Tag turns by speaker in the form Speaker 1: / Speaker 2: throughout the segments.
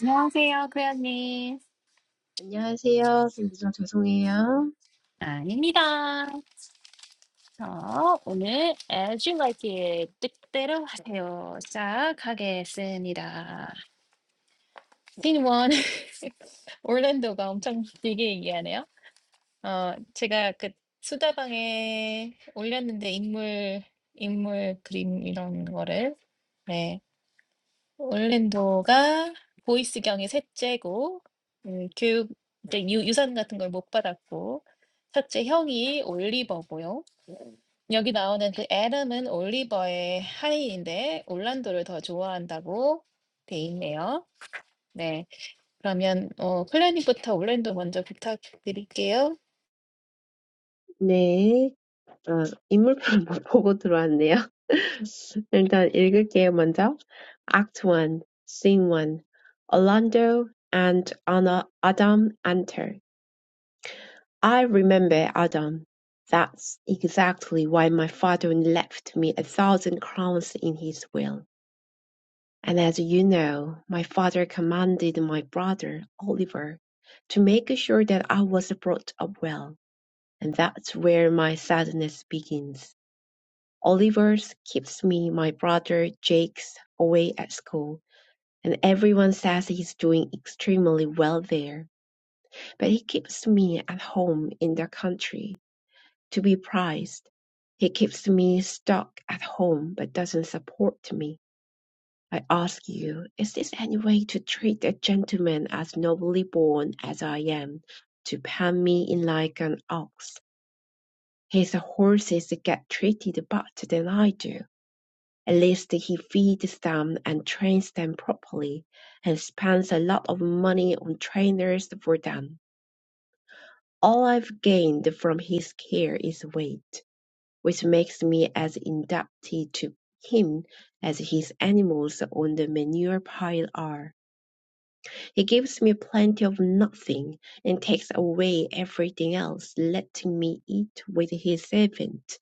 Speaker 1: 안녕하세요, 클레어님.
Speaker 2: 안녕하세요. 쌤, 죄송해요.
Speaker 1: 아닙니다. 자, 오늘 As You Like It 뜻대로 하세요. 시작하겠습니다. 씬 원. 올랜도가 엄청 길게 얘기하네요. 어, 제가 그 수다방에 올렸는데 인물 인물 그림 이런 거를 네. orlando가 보이스경의 셋째고 음, 교육 이제 유, 유산 같은 걸 못 받았고 첫째 형이 올리버고요. 여기 나오는 그 애덤은 올리버의 하인인데 올란도를 더 좋아한다고 돼 있네요. 네, 그러면 어, 클레님부터 올랜도 먼저 부탁드릴게요.
Speaker 2: 네. 어, 인물편 못 보고 들어왔네요. 일단 읽을게요, 먼저. Act 1, Scene 1. Orlando and Anna, Adam enter. I remember Adam. That's exactly why my father left me a thousand crowns in his will. And as you know, my father commanded my brother, Oliver, to make sure that I was brought up well. And that's where my sadness begins. Oliver's keeps me, my brother Jake's away at school, and everyone says he's doing extremely well there, but he keeps me at home in the country to be prized. He keeps me stuck at home but doesn't support me. I ask you, is this any way to treat a gentleman as nobly born as I am, to pan me in like an ox? His horses get treated better than I do, at least he feeds them and trains them properly, and spends a lot of money on trainers for them. All I've gained from his care is weight, which makes me as indebted to him as his animals on the manure pile are. He gives me plenty of nothing, and takes away everything else, letting me eat with his servant,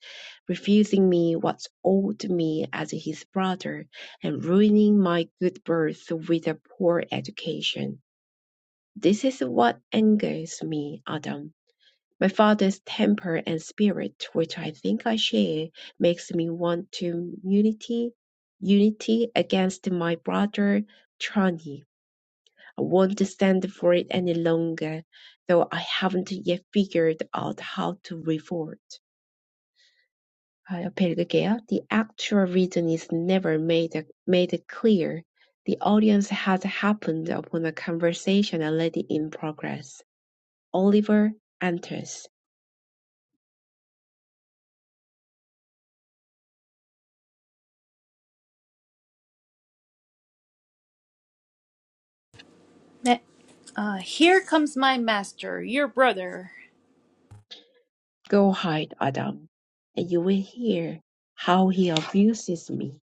Speaker 2: refusing me what's owed me as his brother, and ruining my good birth with a poor education. This is what angers me, Adam. My father's temper and spirit, which I think I share, makes me want to unity, unity against my brother Trani. I won't stand for it any longer, though I haven't yet figured out how to revolt. 아, 옆에 읽을게요. The actual reason is never made made clear. The audience has happened upon a conversation already in progress. Oliver enters.
Speaker 1: 네 Uh, here comes my master, your brother.
Speaker 2: Go hide, Adam, and you will hear how he abuses me.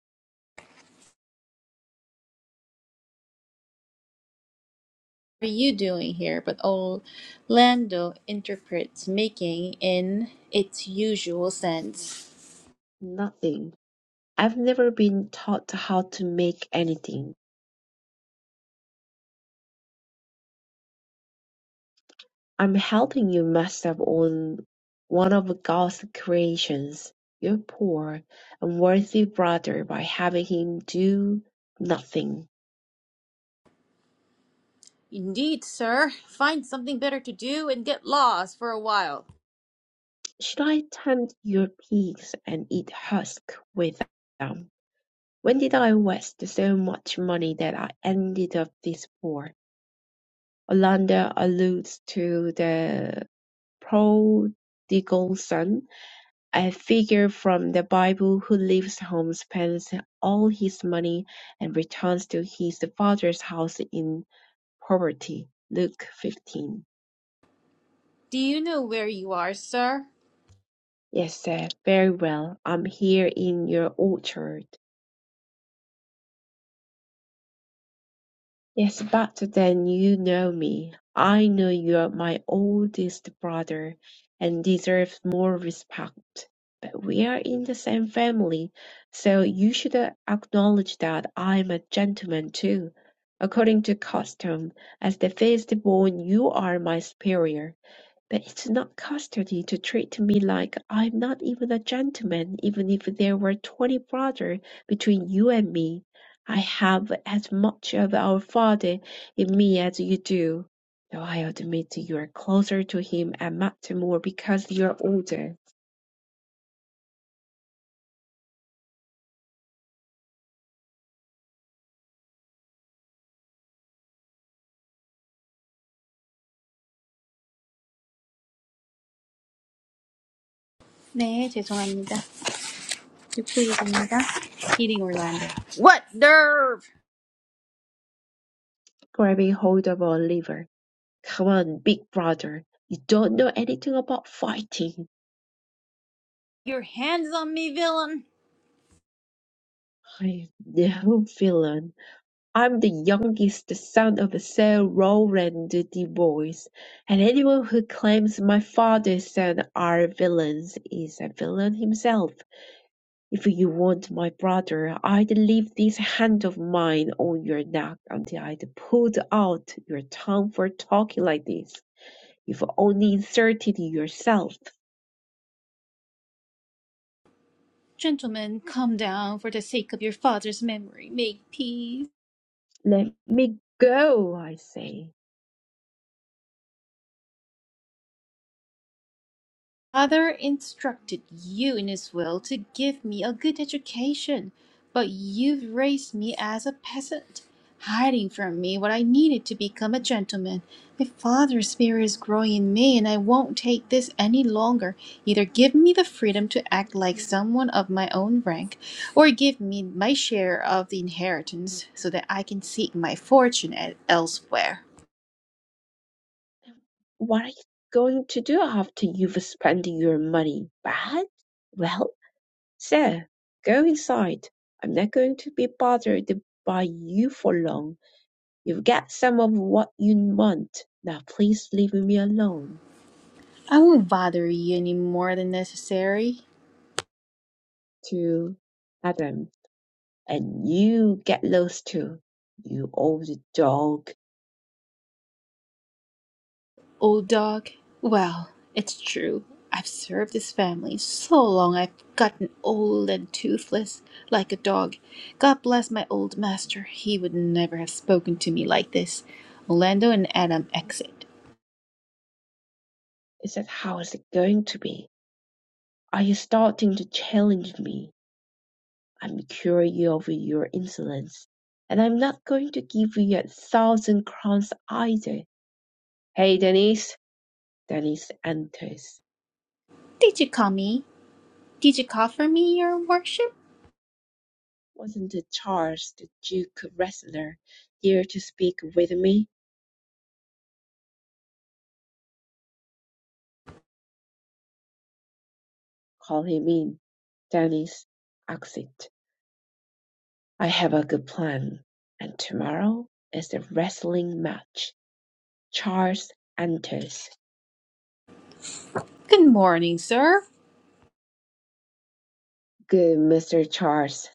Speaker 1: are you doing here? But Orlando interprets making in its usual sense.
Speaker 2: Nothing. I've never been taught how to make anything. I'm helping you mess up on one of God's creations, your poor, unworthy brother by having him do nothing.
Speaker 1: Indeed, sir. Find something better to do and get lost for a while.
Speaker 2: Should I tempt your pigs and eat husk with them? When did I waste so much money that I ended up this poor? Olander alludes to the prodigal son A figure from the Bible who leaves home, spends all his money, and returns to his father's house in poverty. Luke 15.
Speaker 1: Do you know where you are, sir?
Speaker 2: Yes, sir. Very well. I'm here in your orchard. Yes, but then you know me. I know you're my oldest brother and deserve more respect. But we are in the same family, so you should uh, acknowledge that I'm a gentleman too. According to custom, as the firstborn, you are my superior. But it's not customary to treat me like I'm not even a gentleman. Even if there were twenty brothers between you and me, I have as much of our father in me as you do. Though I admit you are closer to him and much more because you're older,
Speaker 1: 네, 죄송합니다. 듀플리입니다. Heating Orlando. What nerve!
Speaker 2: grabbing hold of our liver. Come on, big brother. You don't know anything about fighting.
Speaker 1: Your hands on me, villain!
Speaker 2: I'm no villain. I'm the youngest son of Sir Rowland de Boys, and anyone who claims my father's son are villains is a villain himself. If you want my brother, I'd leave this hand of mine on your neck until I'd pulled out your tongue for talking like this. You've only inserted yourself.
Speaker 1: Gentlemen, come down for the sake of your father's memory. Make peace.
Speaker 2: Let me go, I say.
Speaker 1: father instructed you in his will to give me a good education, but you've raised me as a peasant, hiding from me what I needed to become a gentleman. My father's spirit is growing in me, and I won't take this any longer. Either give me the freedom to act like someone of my own rank, or give me my share of the inheritance so that I can seek my fortune e- elsewhere.
Speaker 2: What are you going to do after you've spent your money, Bad? Well? Sir, go inside. I'm not going to be bothered by you for long. You've got some of what you want. Now please leave me alone.
Speaker 1: I won't bother you any more than necessary.
Speaker 2: To Adam, and you get lost too. You old dog.
Speaker 1: Old dog? Well, it's true. I've served this family so long I've gotten old and toothless, like a dog. God bless my old master. He would never have spoken to me like this. Orlando and Adam exit.
Speaker 2: Is that how it's going to be? Are you starting to challenge me? I'm cured of your insolence, and I'm not going to give you a thousand crowns either. Hey, Denise. Denise enters.
Speaker 1: Did you call me? Did you call for me, your worship?
Speaker 2: Wasn't it Charles, the Duke wrestler, here to speak with me? Call him in. Dennis, exit. I have a good plan. And tomorrow is the wrestling match. Charles enters.
Speaker 1: Good morning, sir.
Speaker 2: Good, Mr. Charles.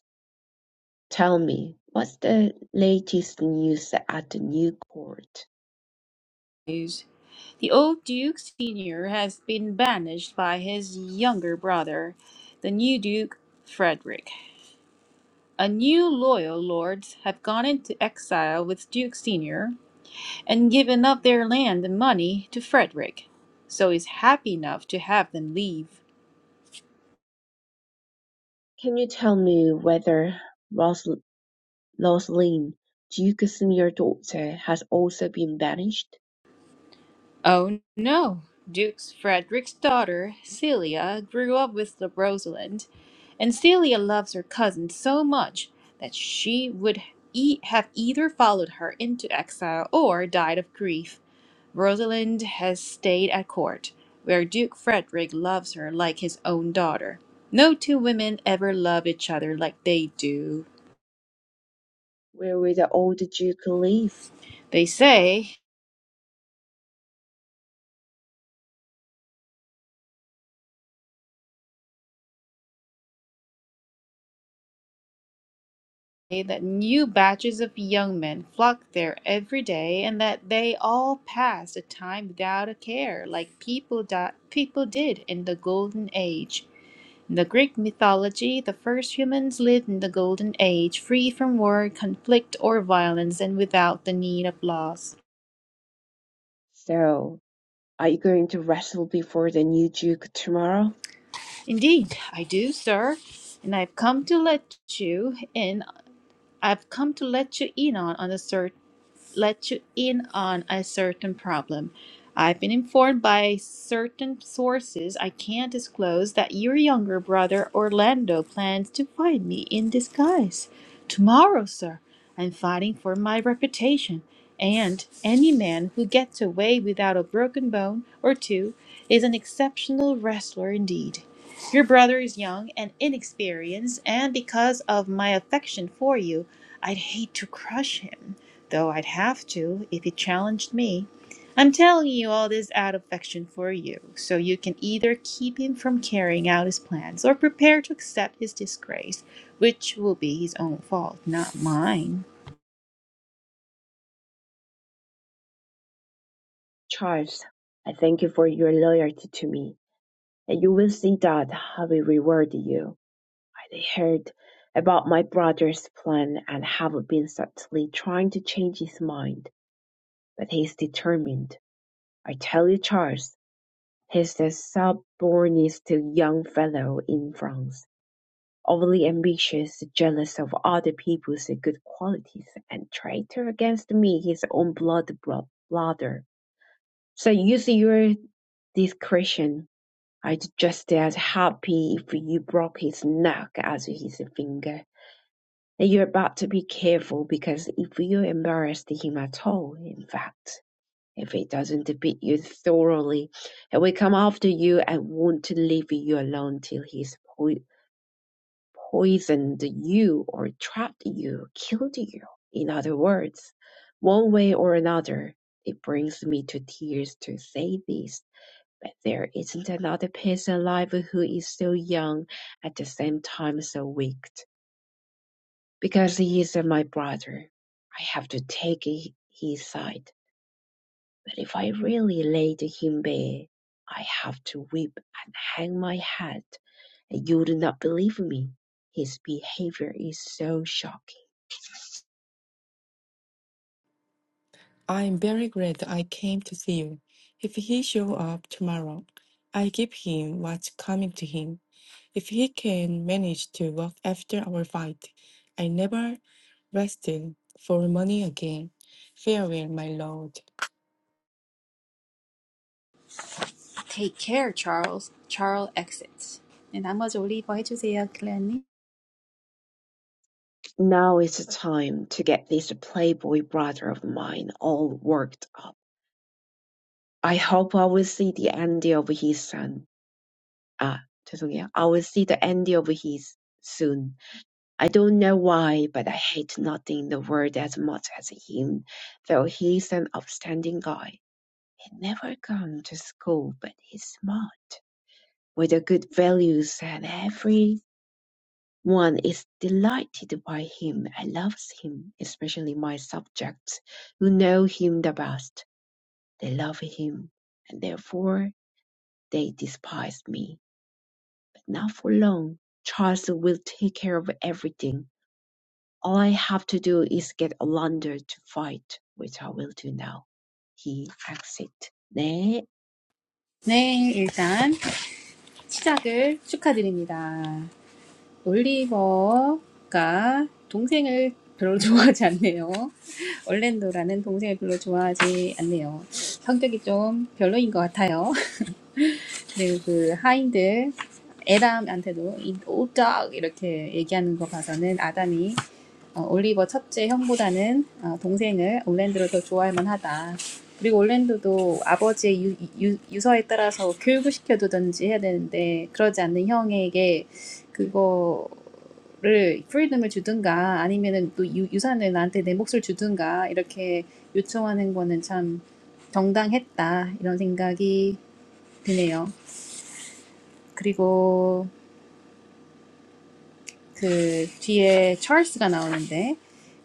Speaker 2: Tell me, what's the latest news at the new court?
Speaker 1: The old Duke Senior has been banished by his younger brother, the new Duke Frederick. A new loyal lords have gone into exile with Duke Senior and given up their land and money to Frederick, so he's happy enough to have them leave.
Speaker 2: Can you tell me whether Ros- Rosalind, Duke's senior daughter, has also been banished?
Speaker 1: Oh no! Duke's Frederick's daughter, Celia, grew up with the Rosalind, and Celia loves her cousin so much that she would e- have either followed her into exile or died of grief. Rosalind has stayed at court, where Duke Frederick loves her like his own daughter. No two women ever love each other like they do.
Speaker 2: Where will the old Duke live?
Speaker 1: They say that new batches of young men flock there every day, and that they all pass the time without a care, like people di- people did in the golden age. In the Greek mythology, the first humans lived in the golden age, free from war, conflict, or violence, and without the need of laws.
Speaker 2: So, are you going to wrestle before the new Duke tomorrow?
Speaker 1: Indeed, I do, sir, and I've come to let you in. I've come to let you in on, on a search let you in on a certain problem. I've been informed by certain sources I can't disclose that your younger brother Orlando plans to find me in disguise. Tomorrow, sir, I'm fighting for my reputation, and any man who gets away without a broken bone or two is an exceptional wrestler indeed. Your brother is young and inexperienced, and because of my affection for you, I'd hate to crush him though I'd have to if he challenged me. I'm telling you all this out of affection for you, so you can either keep him from carrying out his plans or prepare to accept his disgrace, which will be his own fault, not mine.
Speaker 2: Charles, I thank you for your loyalty to me, and you will see that I will reward you. I heard about my brother's plan and have been subtly trying to change his mind, but he is determined. I tell you, Charles, he's the stubbornest young fellow in France. Overly ambitious, jealous of other people's good qualities, and traitor against me, his own blood bro- brother. So use your discretion. I'd just as happy if you broke his neck as his finger. And you're about to be careful because if you embarrassed him at all, in fact, if he doesn't beat you thoroughly, he will come after you and want to leave you alone till he's po- poisoned you or trapped you, killed you. In other words, one way or another, it brings me to tears to say this, but there isn't another person alive who is so young at the same time so weak. Because he is my brother, I have to take hi- his side. But if I really laid him bare, I have to weep and hang my head, and you would not believe me. His behavior is so shocking.
Speaker 3: I am very glad I came to see you. If he show up tomorrow, I give him what's coming to him. If he can manage to walk after our fight, I never rested for money again. Farewell, my lord.
Speaker 1: 네, 나클레아님.
Speaker 2: Now is the time to get this playboy brother of mine all worked up. I hope I will see the end of his son. Ah, 죄송해요. I will see the end of his soon. I don't know why, but I hate nothing in the world as much as him, though he's an upstanding guy. He never come to school, but he's smart, with a good values and every One is delighted by him and loves him, especially my subjects who know him the best. They love him, and therefore they despise me. But not for long. Charles will take care of everything. All I have to do is get Olander to fight, which I will do now. He exit. 네,
Speaker 1: 네, 일단 시작을 축하드립니다. 올리버가 동생을 별로 좋아하지 않네요. 얼랜도라는 동생을 별로 좋아하지 않네요. 성격이 좀 별로인 것 같아요. 그리고 그 하인들 에람한테도 이 오덕 이렇게 얘기하는 거 봐서는 아담이 어, 올리버 첫째 형보다는 어, 동생을 올랜드를 더 좋아할 만하다. 그리고 올랜드도 아버지의 유, 유, 유서에 따라서 교육을 시켜두든지 해야 되는데 그러지 않는 형에게 그거를 프리덤을 주든가 아니면은 또 유, 유산을 나한테 내 몫을 주든가 이렇게 요청하는 거는 참 정당했다 이런 생각이 드네요. 그리고 그 뒤에 찰스가 나오는데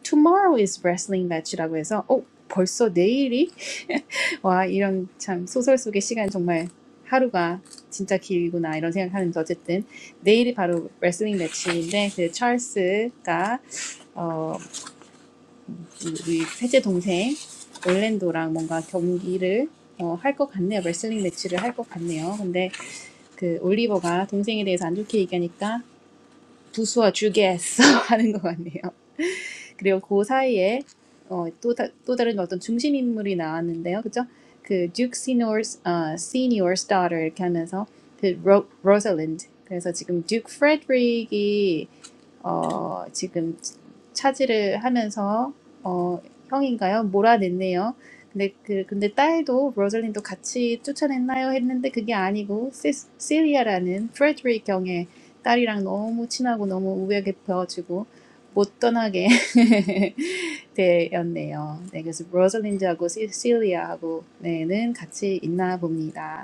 Speaker 1: Tomorrow is wrestling match라고 해서 어 벌써 내일이 와 이런 참 소설 속의 시간 정말 하루가 진짜 길구나 이런 생각하는데 어쨌든 내일이 바로 레슬링 매치인데 그 찰스가 어 우리 셋째 동생 올랜도랑 뭔가 경기를 어, 할 것 같네요 레슬링 매치를 할 것 같네요 근데 그 올리버가 동생에 대해서 안 좋게 얘기하니까 Duke and Duchess하는 것 같네요. 그리고 그 사이에 어 또다 또 다른 어떤 중심 인물이 나왔는데요. 그죠? 그 Duke Senior's Ah Senior's daughter 이렇게 하면서 the Rose Rosalind. 그래서 지금 Duke Frederick이 어, 지금 차지를 하면서 어, 형인가요? 몰아냈네요. 근데 그 근데 딸도 로즐린도 같이 쫓아냈나요? 했는데 그게 아니고 시, 시리아라는 프레드릭 경의 딸이랑 너무 친하고 너무 우애 깊어지고 못 떠나게 되었네요. 네, 그래서 로즐린드하고 시- 시리아하고 네는 같이 있나 봅니다.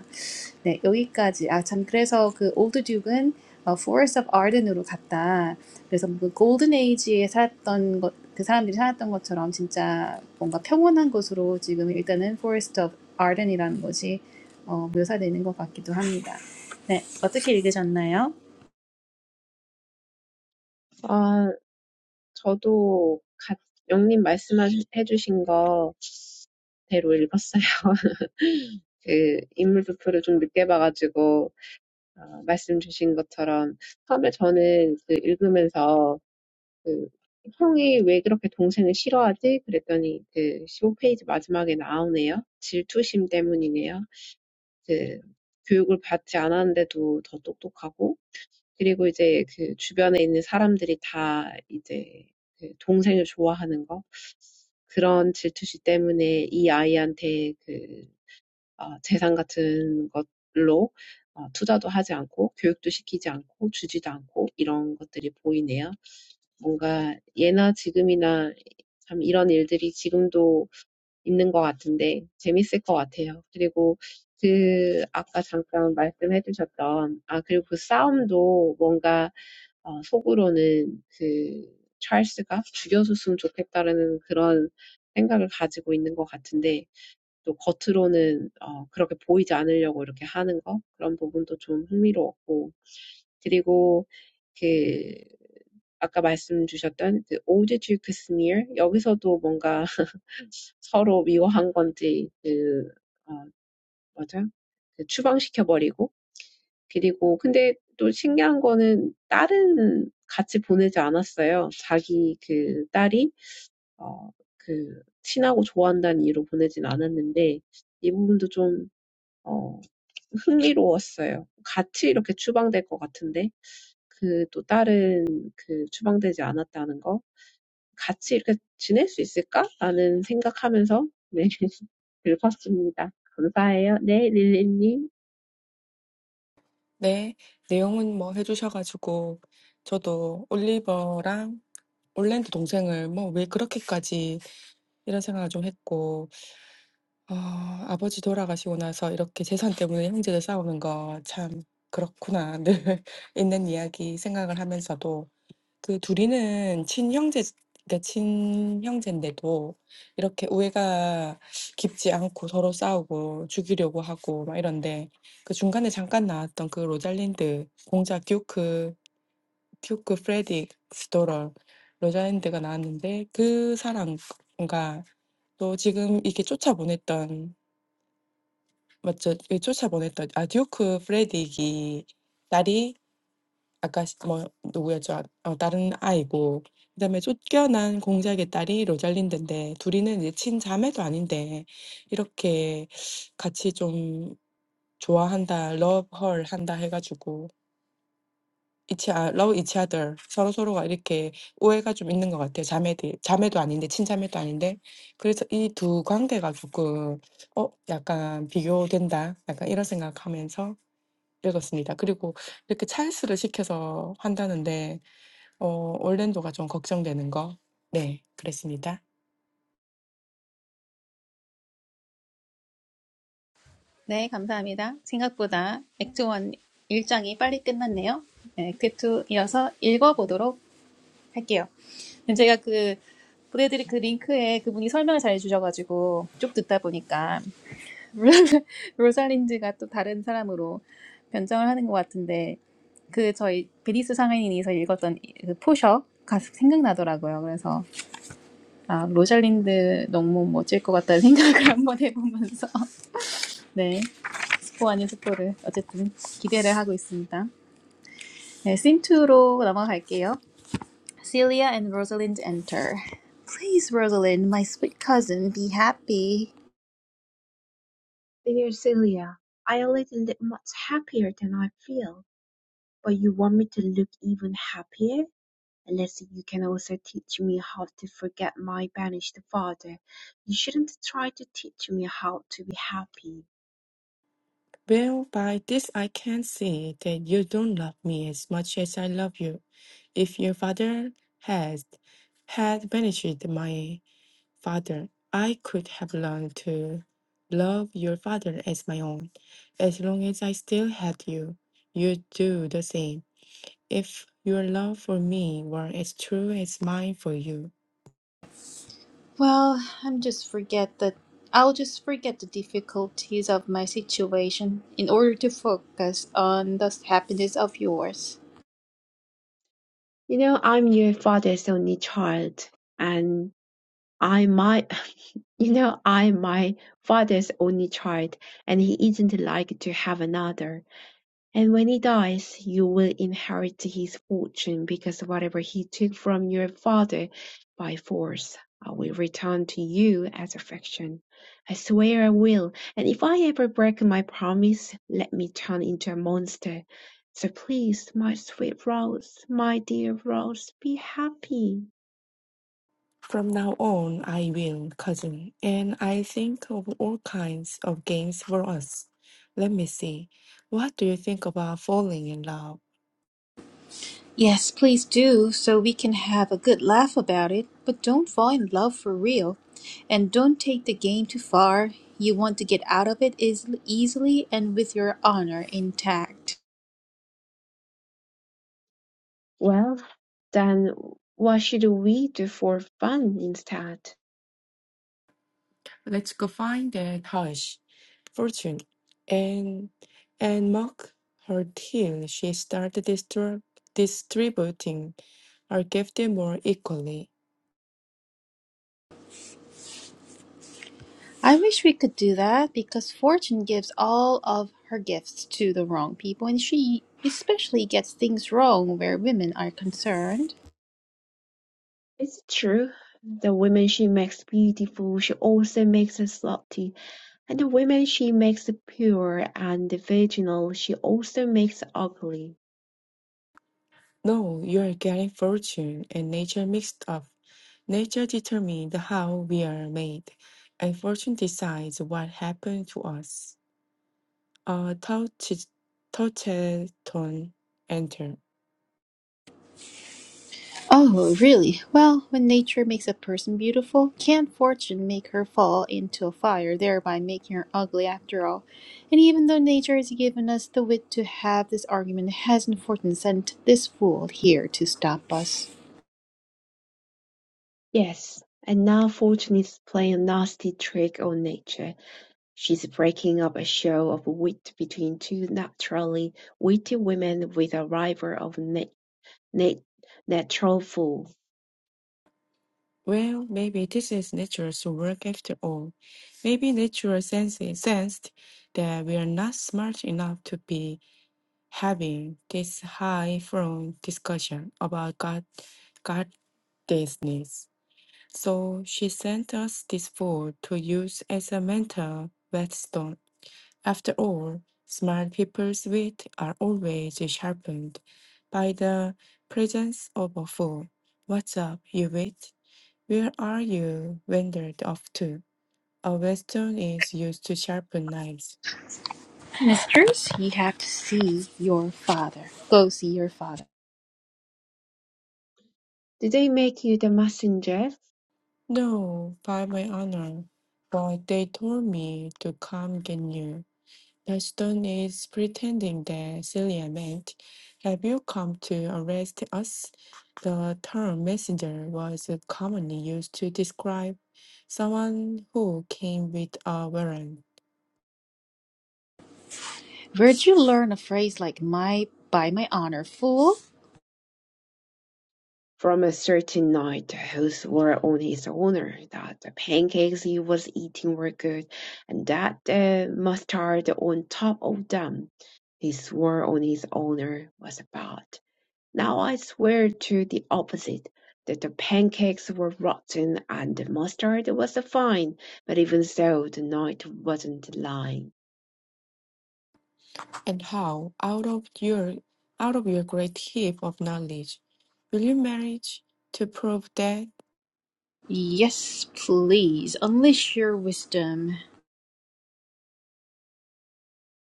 Speaker 1: 네, 여기까지. 아, 참, 그래서 그 올드 듀크는 어, Forest of Arden으로 갔다. 그래서 그 골든 에이지에 살았던 것, 그 사람들이 살았던 것처럼 진짜 뭔가 평온한 곳으로 지금 일단은 Forest of Arden이라는 것이 어, 묘사되는 것 같기도 합니다. 네, 어떻게 읽으셨나요?
Speaker 2: 아, 저도 가- 영님 말씀해 주신 거 대로 읽었어요. 그 인물 도표를 좀 늦게 봐가지고 어, 말씀 주신 것처럼 처음에 저는 그 읽으면서 그 형이 왜 그렇게 동생을 싫어하지? 그랬더니 그 십오 페이지 마지막에 나오네요. 질투심 때문이네요. 그 교육을 받지 않았는데도 더 똑똑하고 그리고 이제 그 주변에 있는 사람들이 다 이제 그 동생을 좋아하는 거 그런 질투심 때문에 이 아이한테 그 어, 재산 같은 것로 어, 투자도 하지 않고 교육도 시키지 않고 주지도 않고 이런 것들이 보이네요. 뭔가 예나 지금이나 참 이런 일들이 지금도 있는 것 같은데 재밌을 것 같아요. 그리고 그 아까 잠깐 말씀해 주셨던 아 그리고 그 싸움도 뭔가 어, 속으로는 그 찰스가 죽여줬으면 좋겠다라는 그런 생각을 가지고 있는 것 같은데 또 겉으로는 어 그렇게 보이지 않으려고 이렇게 하는 거 그런 부분도 좀 흥미로웠고 그리고 그 아까 말씀 주셨던 그 오드 듀크 스미어 여기서도 뭔가 서로 미워한 건지 그 어, 맞아 그 추방시켜버리고 그리고 근데 또 신기한 거는 딸은 같이 보내지 않았어요. 자기 그 딸이 어, 그 친하고 좋아한다는 이유로 보내진 않았는데 이 부분도 좀어 흥미로웠어요. 같이 이렇게 추방될 것 같은데 그또 다른 그 추방되지 않았다는 거 같이 이렇게 지낼 수 있을까라는 생각하면서 네 읽었습니다. 감사해요. 네 릴리님.
Speaker 3: 네, 내용은 뭐 해주셔가지고 저도 올리버랑 올랜드 동생을 뭐 왜 그렇게까지 이런 생각을 좀 했고 아 아버지 돌아가시고 나서 이렇게 재산 때문에 형제들 싸우는 거 참 그렇구나. 늘 있는 이야기 생각을 하면서도 그 둘이는 친형제 그러니까 친형제인데도 이렇게 우애가 깊지 않고 서로 싸우고 죽이려고 하고 막 이런데 그 중간에 잠깐 나왔던 그 로잘린드 공작 듀크 듀크 프레딕 스토럴 로잘린드가 나왔는데 그 사람과 또 지금 이렇게 쫓아보냈던 맞죠. 그 쫓아보냈던 아 듀크 프레딕이 딸이 아까 시- 뭐 누구였죠? 아, 어, 다른 아이고 그다음에 쫓겨난 공작의 딸이 로잘린드인데 둘이는 이제 친자매도 아닌데 이렇게 같이 좀 좋아한다, love her 한다 해가지고 each o- love each other 서로 서로가 이렇게 오해가 좀 있는 것 같아요. 자매들 자매도 아닌데 친자매도 아닌데 그래서 이 두 관계가 조금 어 약간 비교된다, 약간 이런 생각하면서. 그렇습니다. 그리고 이렇게 찰스를 시켜서 한다는데 어 올랜도가 좀 걱정되는 거. 네, 그랬습니다.
Speaker 1: 네, 감사합니다. 생각보다 액트 1 1장이 빨리 끝났네요. 네, 액트 2 이어서 읽어보도록 할게요. 제가 그 보내드릴 그 링크에 그분이 설명을 잘 해주셔가지고 쭉 듣다 보니까 로살린드가 또 다른 사람으로 변장을 하는 것 같은데 그 저희 베니스 상인인에서 읽었던 그 포셔가 생각나더라고요. 그래서 아 로살린드 너무 멋질 것 같다는 생각을 한번 해보면서 네 스포 아닌 스포를 어쨌든 기대를 하고 있습니다. 네 씬투로 넘어갈게요. Celia and Rosalind enter. Please, Rosalind, my sweet cousin, be happy.
Speaker 2: I am for you and later. You should-
Speaker 3: Well, by this I can see that you don't love me as much as I love you. If your father had had banished my father, I could have learned to love your father as my own. As long as I still had you, you'd do the same. If your love for me were as true as mine for you,
Speaker 1: Well, I'm just forget that I'll just forget the difficulties of my situation in order to focus on the happiness of yours.
Speaker 2: you know I'm your father's only child and I my you know I'm my father's only child and he isn't like to have another. And when he dies, you will inherit his fortune, because whatever he took from your father by force, I will return to you as affection. I swear I will, and if I ever break my promise, let me turn into a monster. So please, my sweet Rose, my dear Rose, be happy.
Speaker 3: From now on, I will, cousin, and I think of all kinds of games for us. Let me see. What do you think about falling in love?
Speaker 1: Yes, please do, so we can have a good laugh about it, but don't fall in love for real and don't take the game too far. You want to get out of it is easily and with your honor intact.
Speaker 2: Well, then what should we do for fun instead?
Speaker 3: Let's go find that hush, fortune, and and mock her till she started distrib- distributing her gift more equally.
Speaker 1: I wish we could do that because Fortune gives all of her gifts to the wrong people and she especially gets things wrong where women are concerned.
Speaker 2: It's true. The women she makes beautiful, she also makes her slutty. And the women she makes pure and virginal, she also makes ugly.
Speaker 3: No, you are getting fortune and nature mixed up. Nature determines how we are made, and fortune decides what happened to us. A touchy tone enter.
Speaker 1: Oh, really? Well, when nature makes a person beautiful, can't Fortune make her fall into a fire, thereby making her ugly after all? And even though nature has given us the wit to have this argument, hasn't Fortune sent this fool here to stop us?
Speaker 2: Yes, and now Fortune is playing a nasty trick on nature. She's breaking up a show of wit between two naturally witty women with a rival of na- na- natural fool.
Speaker 3: Well, maybe this is nature's work after all. Maybe nature senses, sensed that we are not smart enough to be having this high-flown discussion about God, God So she sent us this fool to use as a mental whetstone. After all, smart people's wit are always sharpened by the presence of a fool. What's up, you wit? Where are you wandered off to? A whetstone is used to sharpen knives.
Speaker 1: Mistress, you have to see your father. Go see your father.
Speaker 2: Did they make you the messenger?
Speaker 3: No, by my honor, but they told me to come get you. Ashton is pretending that Celia meant, Have you come to arrest us? The term messenger was commonly used to describe someone who came with a warrant.
Speaker 1: Where'd you learn a phrase like my by my honor, fool?
Speaker 2: From a certain knight whose swore on his honour that the pancakes he was eating were good, and that the mustard on top of them he swore on his honour was bad. Now I swear to the opposite, that the pancakes were rotten and the mustard was fine, but even so the knight wasn't lying.
Speaker 3: And how, out of your out of your great heap of knowledge, will you manage to prove that
Speaker 1: Yes, please, unleash your wisdom.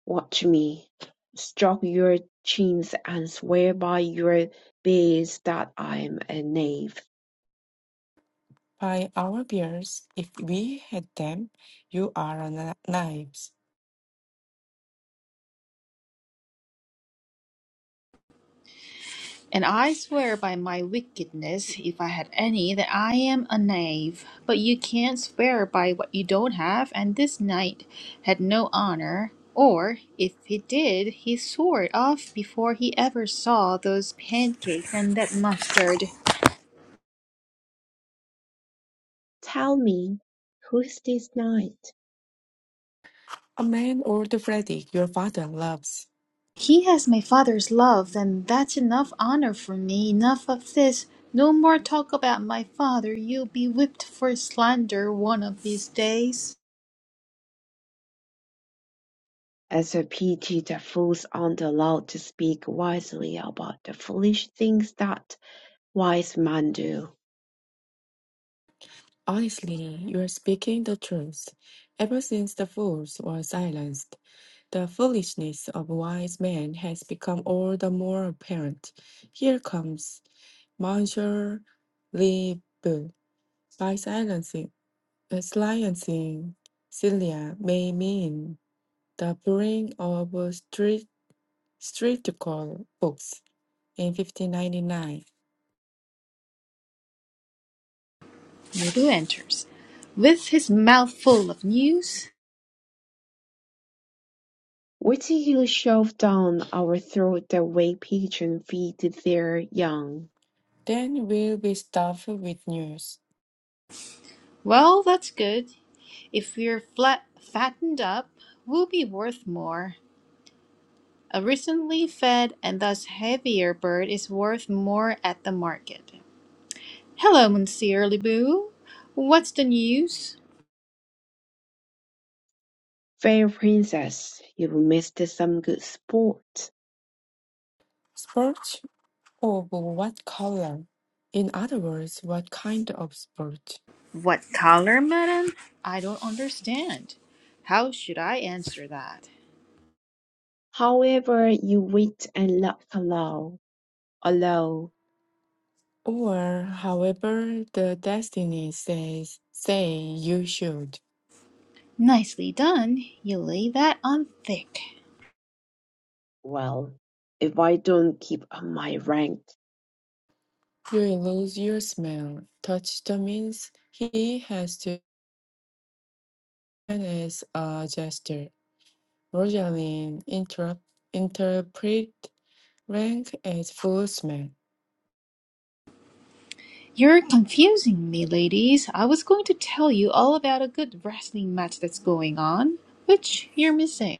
Speaker 2: Watch me, stroke your chins and swear by your beads that I'm a knave.
Speaker 3: by our beards, if we had them, you are a kni- knives?
Speaker 1: And I swear by my wickedness, if I had any, that I am a knave. But you can't swear by what you don't have, and this knight had no honor. Or, if he did, he swore it off before he ever saw those pancakes and that mustard.
Speaker 2: Tell me, who's this knight?
Speaker 3: A man old Freddy, your father loves.
Speaker 1: He has my father's love, and that's enough honor for me. Enough of this. No more talk about my father. You'll be whipped for slander one of these days.
Speaker 2: As a pity that fools aren't allowed to speak wisely about the foolish things that wise men do.
Speaker 3: Honestly, you are speaking the truth. Ever since the fools were silenced, the foolishness of wise men has become all the more apparent. Here comes Monsieur Libu. By silencing, uh, silencing Celia may mean the burning of street streetcar books in 1599.
Speaker 1: Nobu enters, with his mouth full of news.
Speaker 2: Wait till you shove down our throat the way pigeons feed their young.
Speaker 3: Then we'll be stuffed with news.
Speaker 1: Well, that's good. If we're flat fattened up, we'll be worth more. A recently fed and thus heavier bird is worth more at the market. Hello, Monsieur Lebu. What's the news?
Speaker 2: Fair princess, you've missed some good sport.
Speaker 3: sports. Of what color? In other words, what kind of sport?
Speaker 1: What I don't understand. How should I answer that?
Speaker 2: However, you wit and luck allow, allow.
Speaker 3: Or, however, the destiny says, say you should.
Speaker 1: Nice one, you that on thick.
Speaker 2: Well, if I don't keep up my rank,
Speaker 3: You lose your smell. Touch the means he has to as a gesture. Rosaline interrupt, interpret rank as full smell.
Speaker 1: You're confusing me, ladies. I was going to tell you all about a good wrestling match that's going on, which you're missing.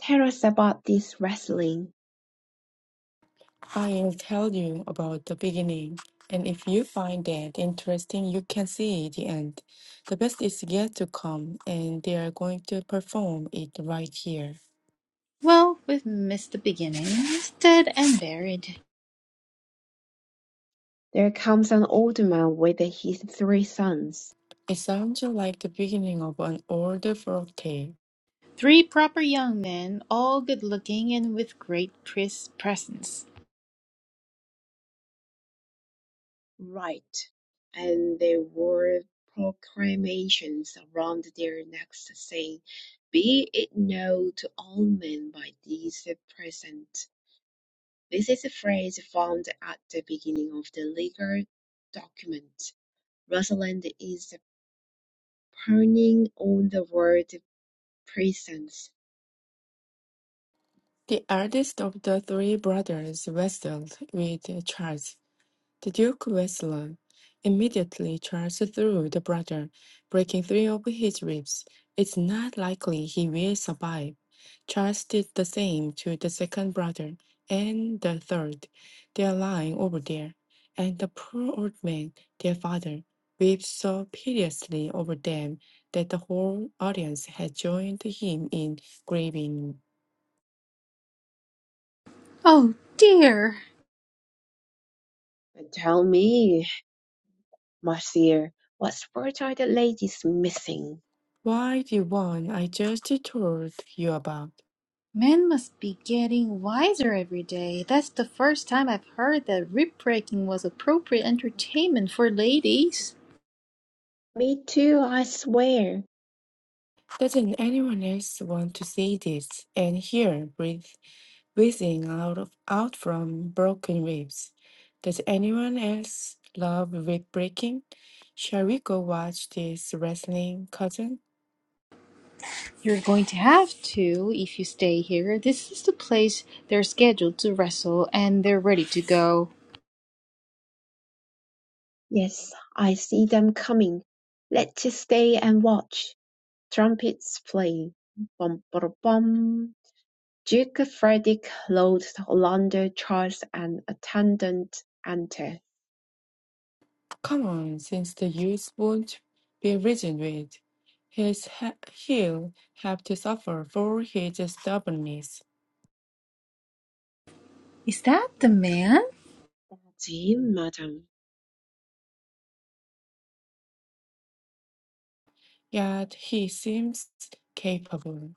Speaker 2: tell us about this wrestling.
Speaker 3: I will tell you about the beginning, and if you find it interesting, you can see the end. The best is yet to come, and they are going to perform it right here.
Speaker 1: Well, we've missed the beginning. Dead and buried.
Speaker 2: There comes an old man with his three sons.
Speaker 3: It sounds like the beginning of an old folk tale.
Speaker 1: Three young men, all great pres- presence.
Speaker 2: Right. And there were proclamations around their necks saying, Be it known to all men by these present. This is a phrase found at the beginning of the legal document. Rosalind is turning on the word presence.
Speaker 3: The eldest of the three brothers wrestled with Charles. The Duke Wessler. Immediately Charles threw the brother, breaking three of his ribs. It's not likely he will survive. Charles did the same to the second brother and the third. They are lying over there. And the poor old man, their father, wept so piteously over them that the whole audience had joined him in grieving.
Speaker 1: Oh dear.
Speaker 2: Tell me, Marcia, what sport are the ladies missing?
Speaker 3: Why the one I just told you about?
Speaker 1: Men must be getting wiser every day. That's the first time I've heard that rib breaking was appropriate entertainment for ladies.
Speaker 2: Me too, I swear.
Speaker 3: Doesn't anyone else want to see this and hear breathe, breathing out of out from broken ribs? Does anyone else love rib breaking? Shall we go watch this wrestling, cousin?
Speaker 1: You're going to have to if you stay here. This is the place they're scheduled to wrestle and they're ready to go.
Speaker 2: Yes, I see them coming. Let's stay and watch. Trumpets play. Bum bada bum. Duke Frederick, Lord Orlando, Charles, and attendant enter.
Speaker 3: Come on, since the youth won't be reasoned with, his ha- he'll have to suffer for his stubbornness.
Speaker 1: Is that the man?
Speaker 2: To him, madam.
Speaker 3: Yet he seems capable.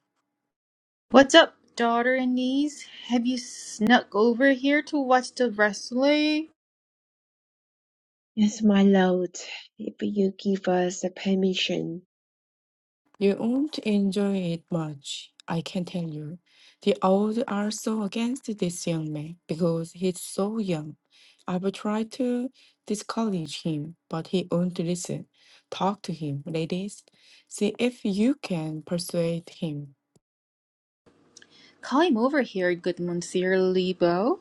Speaker 1: What's up, daughter and niece? Have you snuck over here to watch the wrestling?
Speaker 2: Yes, my lord. If you give us permission,
Speaker 3: You won't enjoy it much, I can tell you. The old are so against this young man because he's so young. I've tried to discourage him, but he won't listen. Talk to him, ladies. See if you can persuade him.
Speaker 1: Call him over here, good Monsieur Lebo.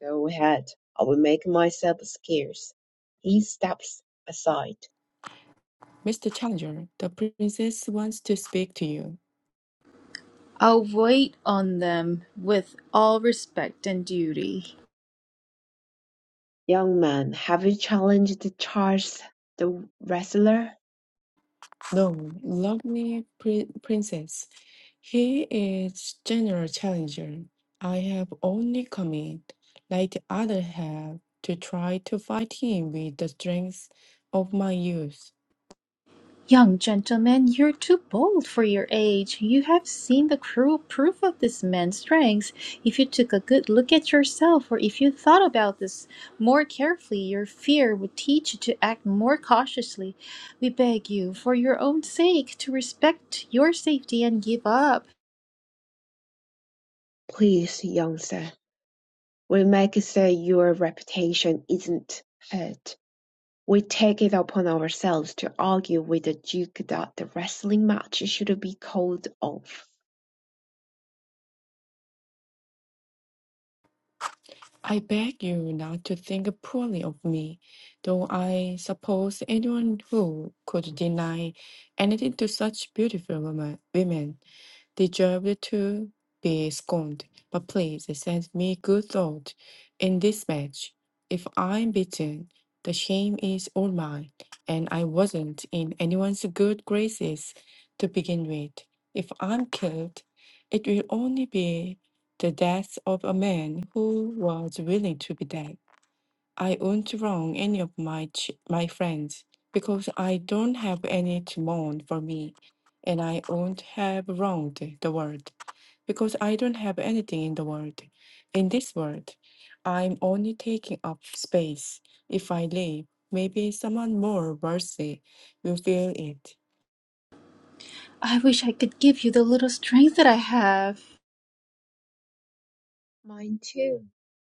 Speaker 2: go ahead. I will make myself scarce. He steps aside.
Speaker 3: Mr. Challenger, the princess wants to speak to you.
Speaker 1: I'll wait on them with all respect and duty.
Speaker 2: Young man, have you challenged Charles the wrestler?
Speaker 3: No, lovely pri- princess. He is general challenger. I have only come in, like the others have, to try to fight him with the strength of my youth.
Speaker 1: Young gentleman, you're too bold for your age. You have seen the cruel proof of this man's strength. If you took a good look at yourself, or if you thought about this more carefully, your fear would teach you to act more cautiously. We beg you, for your own sake, to respect your safety and give up.
Speaker 2: Please, young sir, we make sure your reputation isn't hurt. We take it upon ourselves to argue with the Duke that the wrestling match should be called off.
Speaker 3: I beg you not to think poorly of me, though I suppose anyone who could deny anything to such beautiful woman, women deserved to be scorned. But please send me good thought in this match. If I'm beaten, the shame is all mine, and I wasn't in anyone's good graces to begin with. If I'm killed, it will only be the death of a man who was willing to be dead. I won't wrong any of my ch- my friends because I don't have any to mourn for me, and I won't have wronged the world because I don't have anything in the world. In this world, I'm only taking up space. If I leave, maybe someone more worthy will fill it.
Speaker 1: I wish I could give you the little strength that I have.
Speaker 2: Mine too,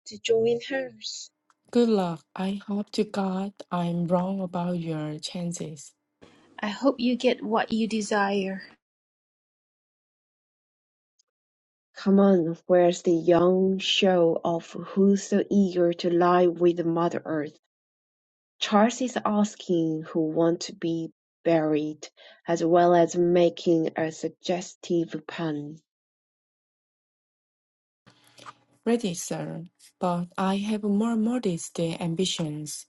Speaker 2: to join hers.
Speaker 3: Good luck. I hope to God I'm wrong about your chances.
Speaker 1: I hope you get what you desire.
Speaker 2: Come on, where's the young show of who's so eager to lie with Mother Earth? Charles is asking who want to be buried, as well as making a suggestive pun.
Speaker 3: Ready, sir, but I have more modest ambitions.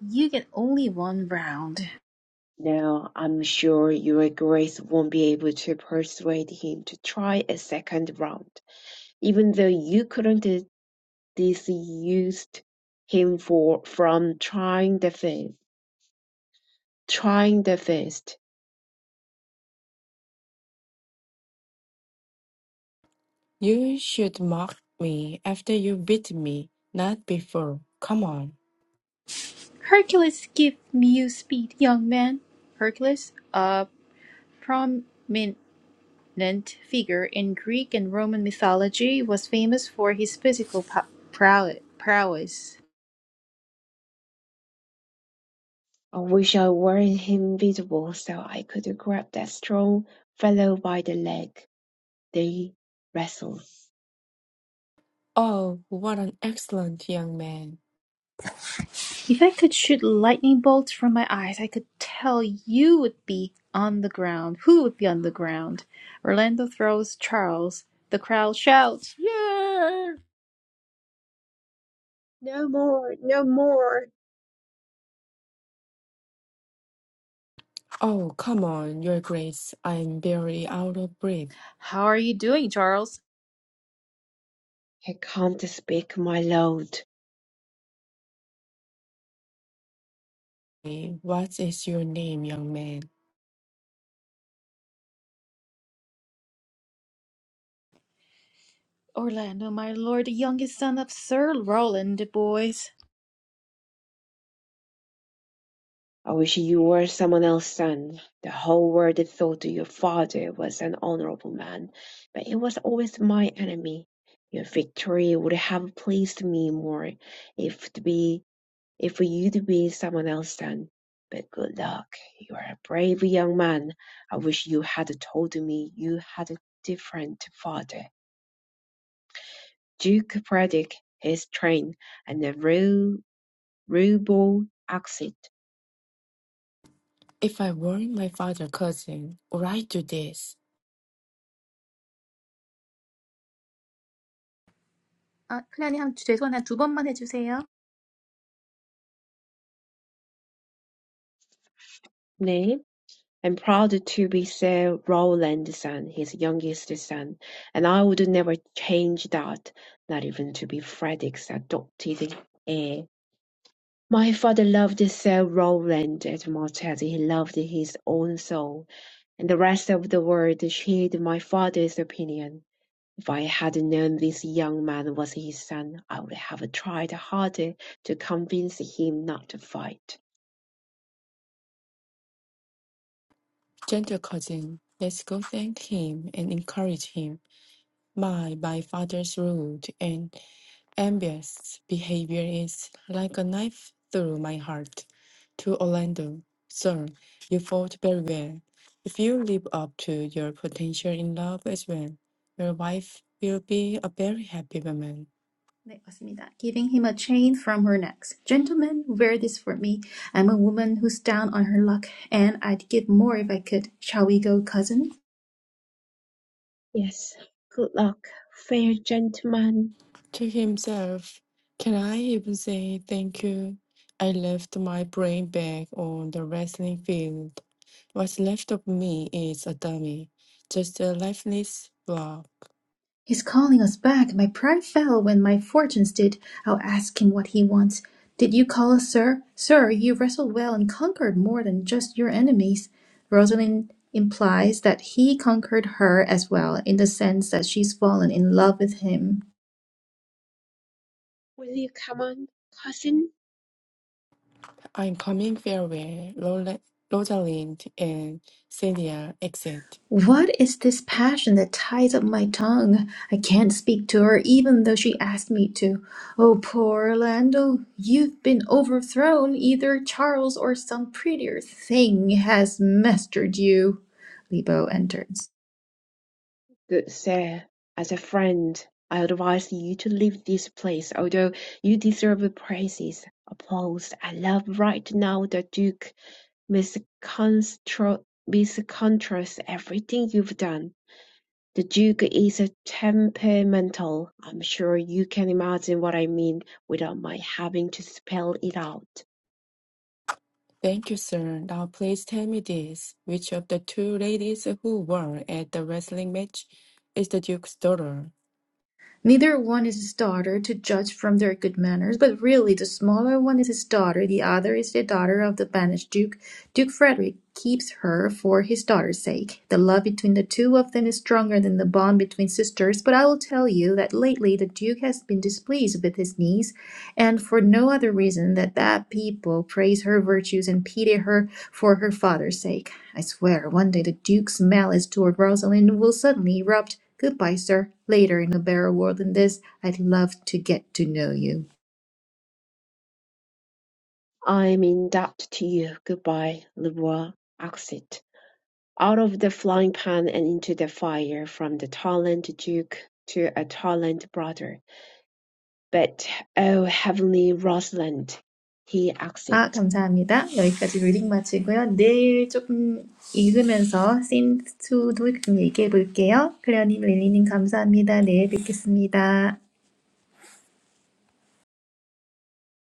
Speaker 1: You get only one round.
Speaker 2: Now, I'm sure Your Grace won't be able to persuade him to try a second round, even though you couldn't dissuade him for from trying the first. Trying the first.
Speaker 3: You should mock me after you beat me, not before. Come on.
Speaker 1: Hercules, give me your speed, young man. Hercules, a prominent figure in Greek and Roman mythology, was famous for his physical pow- prowess.
Speaker 2: I wish I weren't invisible so I could grab that strong fellow by the leg. They wrestled.
Speaker 3: Oh, what an excellent young man.
Speaker 1: If I could shoot lightning bolts from my eyes, I could tell you would be on the ground. Who would be on the ground? Orlando throws Charles. The crowd shouts, Yeah!
Speaker 2: No more, no more.
Speaker 3: Oh, come on, your grace. I'm barely out of breath.
Speaker 1: How are you doing, Charles?
Speaker 2: I can't speak, my lord.
Speaker 3: Eh, What is your name, young man?
Speaker 1: Orlando, my lord, the youngest son of Sir Roland de Boys.
Speaker 2: I wish you were someone else's son. The whole world thought that your father was an honorable man, but it was always my enemy. Your victory would have pleased me more if to be if for you to be someone else's son. But good luck. You are a brave young man. I wish you had told me you had a different father. Duke Predic, his train, and the ru- ruble exit.
Speaker 3: If I weren't my father cousin, would I do this?
Speaker 1: 아, 클라님 한 죄송한데 두 번만 해주세요.
Speaker 2: 네. I'm proud to be Sir Rowland's son, his youngest son, and I would never change that, not even to be Frederick's adopted heir. My father loved Sir Rowland as much as he loved his own soul, and the rest of the world shared my father's opinion. If I had known this young man was his son, I would have tried harder to convince him not to fight.
Speaker 3: Gentle cousin, let's go thank him and encourage him. My, my father's rude and envious behavior is like a knife through my heart. To Orlando, sir, you fought very well. If you live up to your potential in love as well, your wife will be a very happy woman.
Speaker 1: 네, 맞습니다. Giving him a chain from her neck. Gentlemen, wear this for me. I'm a woman who's down on her luck, and I'd give more if I could. Shall we go, cousin?
Speaker 2: Yes, good luck, fair gentleman
Speaker 3: To himself, can I even say thank you? I left my brain back on the wrestling field. What's left of me is a dummy, just a lifeless blob.
Speaker 1: He's calling us back. My pride fell when my fortunes did. I'll ask him what he wants. Did you call us, sir? Sir, you wrestled well and conquered more than just your enemies. Rosalind implies that he conquered her as well, in the sense that she's fallen in love with him.
Speaker 2: Will you come on, cousin?
Speaker 3: I'm coming farewell. Rola- Rosalind and Celia exit.
Speaker 1: What is this passion that ties up my tongue? I can't speak to her even though she asked me to. Oh, poor Orlando, you've been overthrown. Either Charles or some prettier thing has mastered you. Lebo enters.
Speaker 2: Good sir, as a friend, I advise you to leave this place, although you deserve praises, applause, and love right now. The Duke misconstro- misconstrues everything you've done. The Duke is a temperamental. I'm sure you can imagine what I mean without my having to spell it out.
Speaker 3: Thank you, sir. Now please tell me this. Which of the two ladies who were at the wrestling match is the Duke's daughter?
Speaker 1: Neither one is his daughter, to judge from their good manners, but really the smaller one is his daughter, the other is the daughter of the banished duke. Duke Frederick keeps her for his daughter's sake. The love between the two of them is stronger than the bond between sisters, but I will tell you that lately the duke has been displeased with his niece, and for no other reason than that people praise her virtues and pity her for her father's sake. I swear one day the duke's malice toward Rosalind will suddenly erupt Goodbye, sir. Later in a better world than this, I'd love to get to know you.
Speaker 2: I'm in debt to you. Goodbye. Revoir. Exit. out of the frying pan and into the fire, from the talent duke to a talent brother. But, oh heavenly Rosalind, he
Speaker 1: 아,
Speaker 2: exit.
Speaker 1: 감사합니다. 여기까지 리딩 마치고요. 내일 조금 읽으면서 씬2도 좀 얘기해 볼게요. 클레어님, 릴리님 감사합니다. 내일 뵙겠습니다.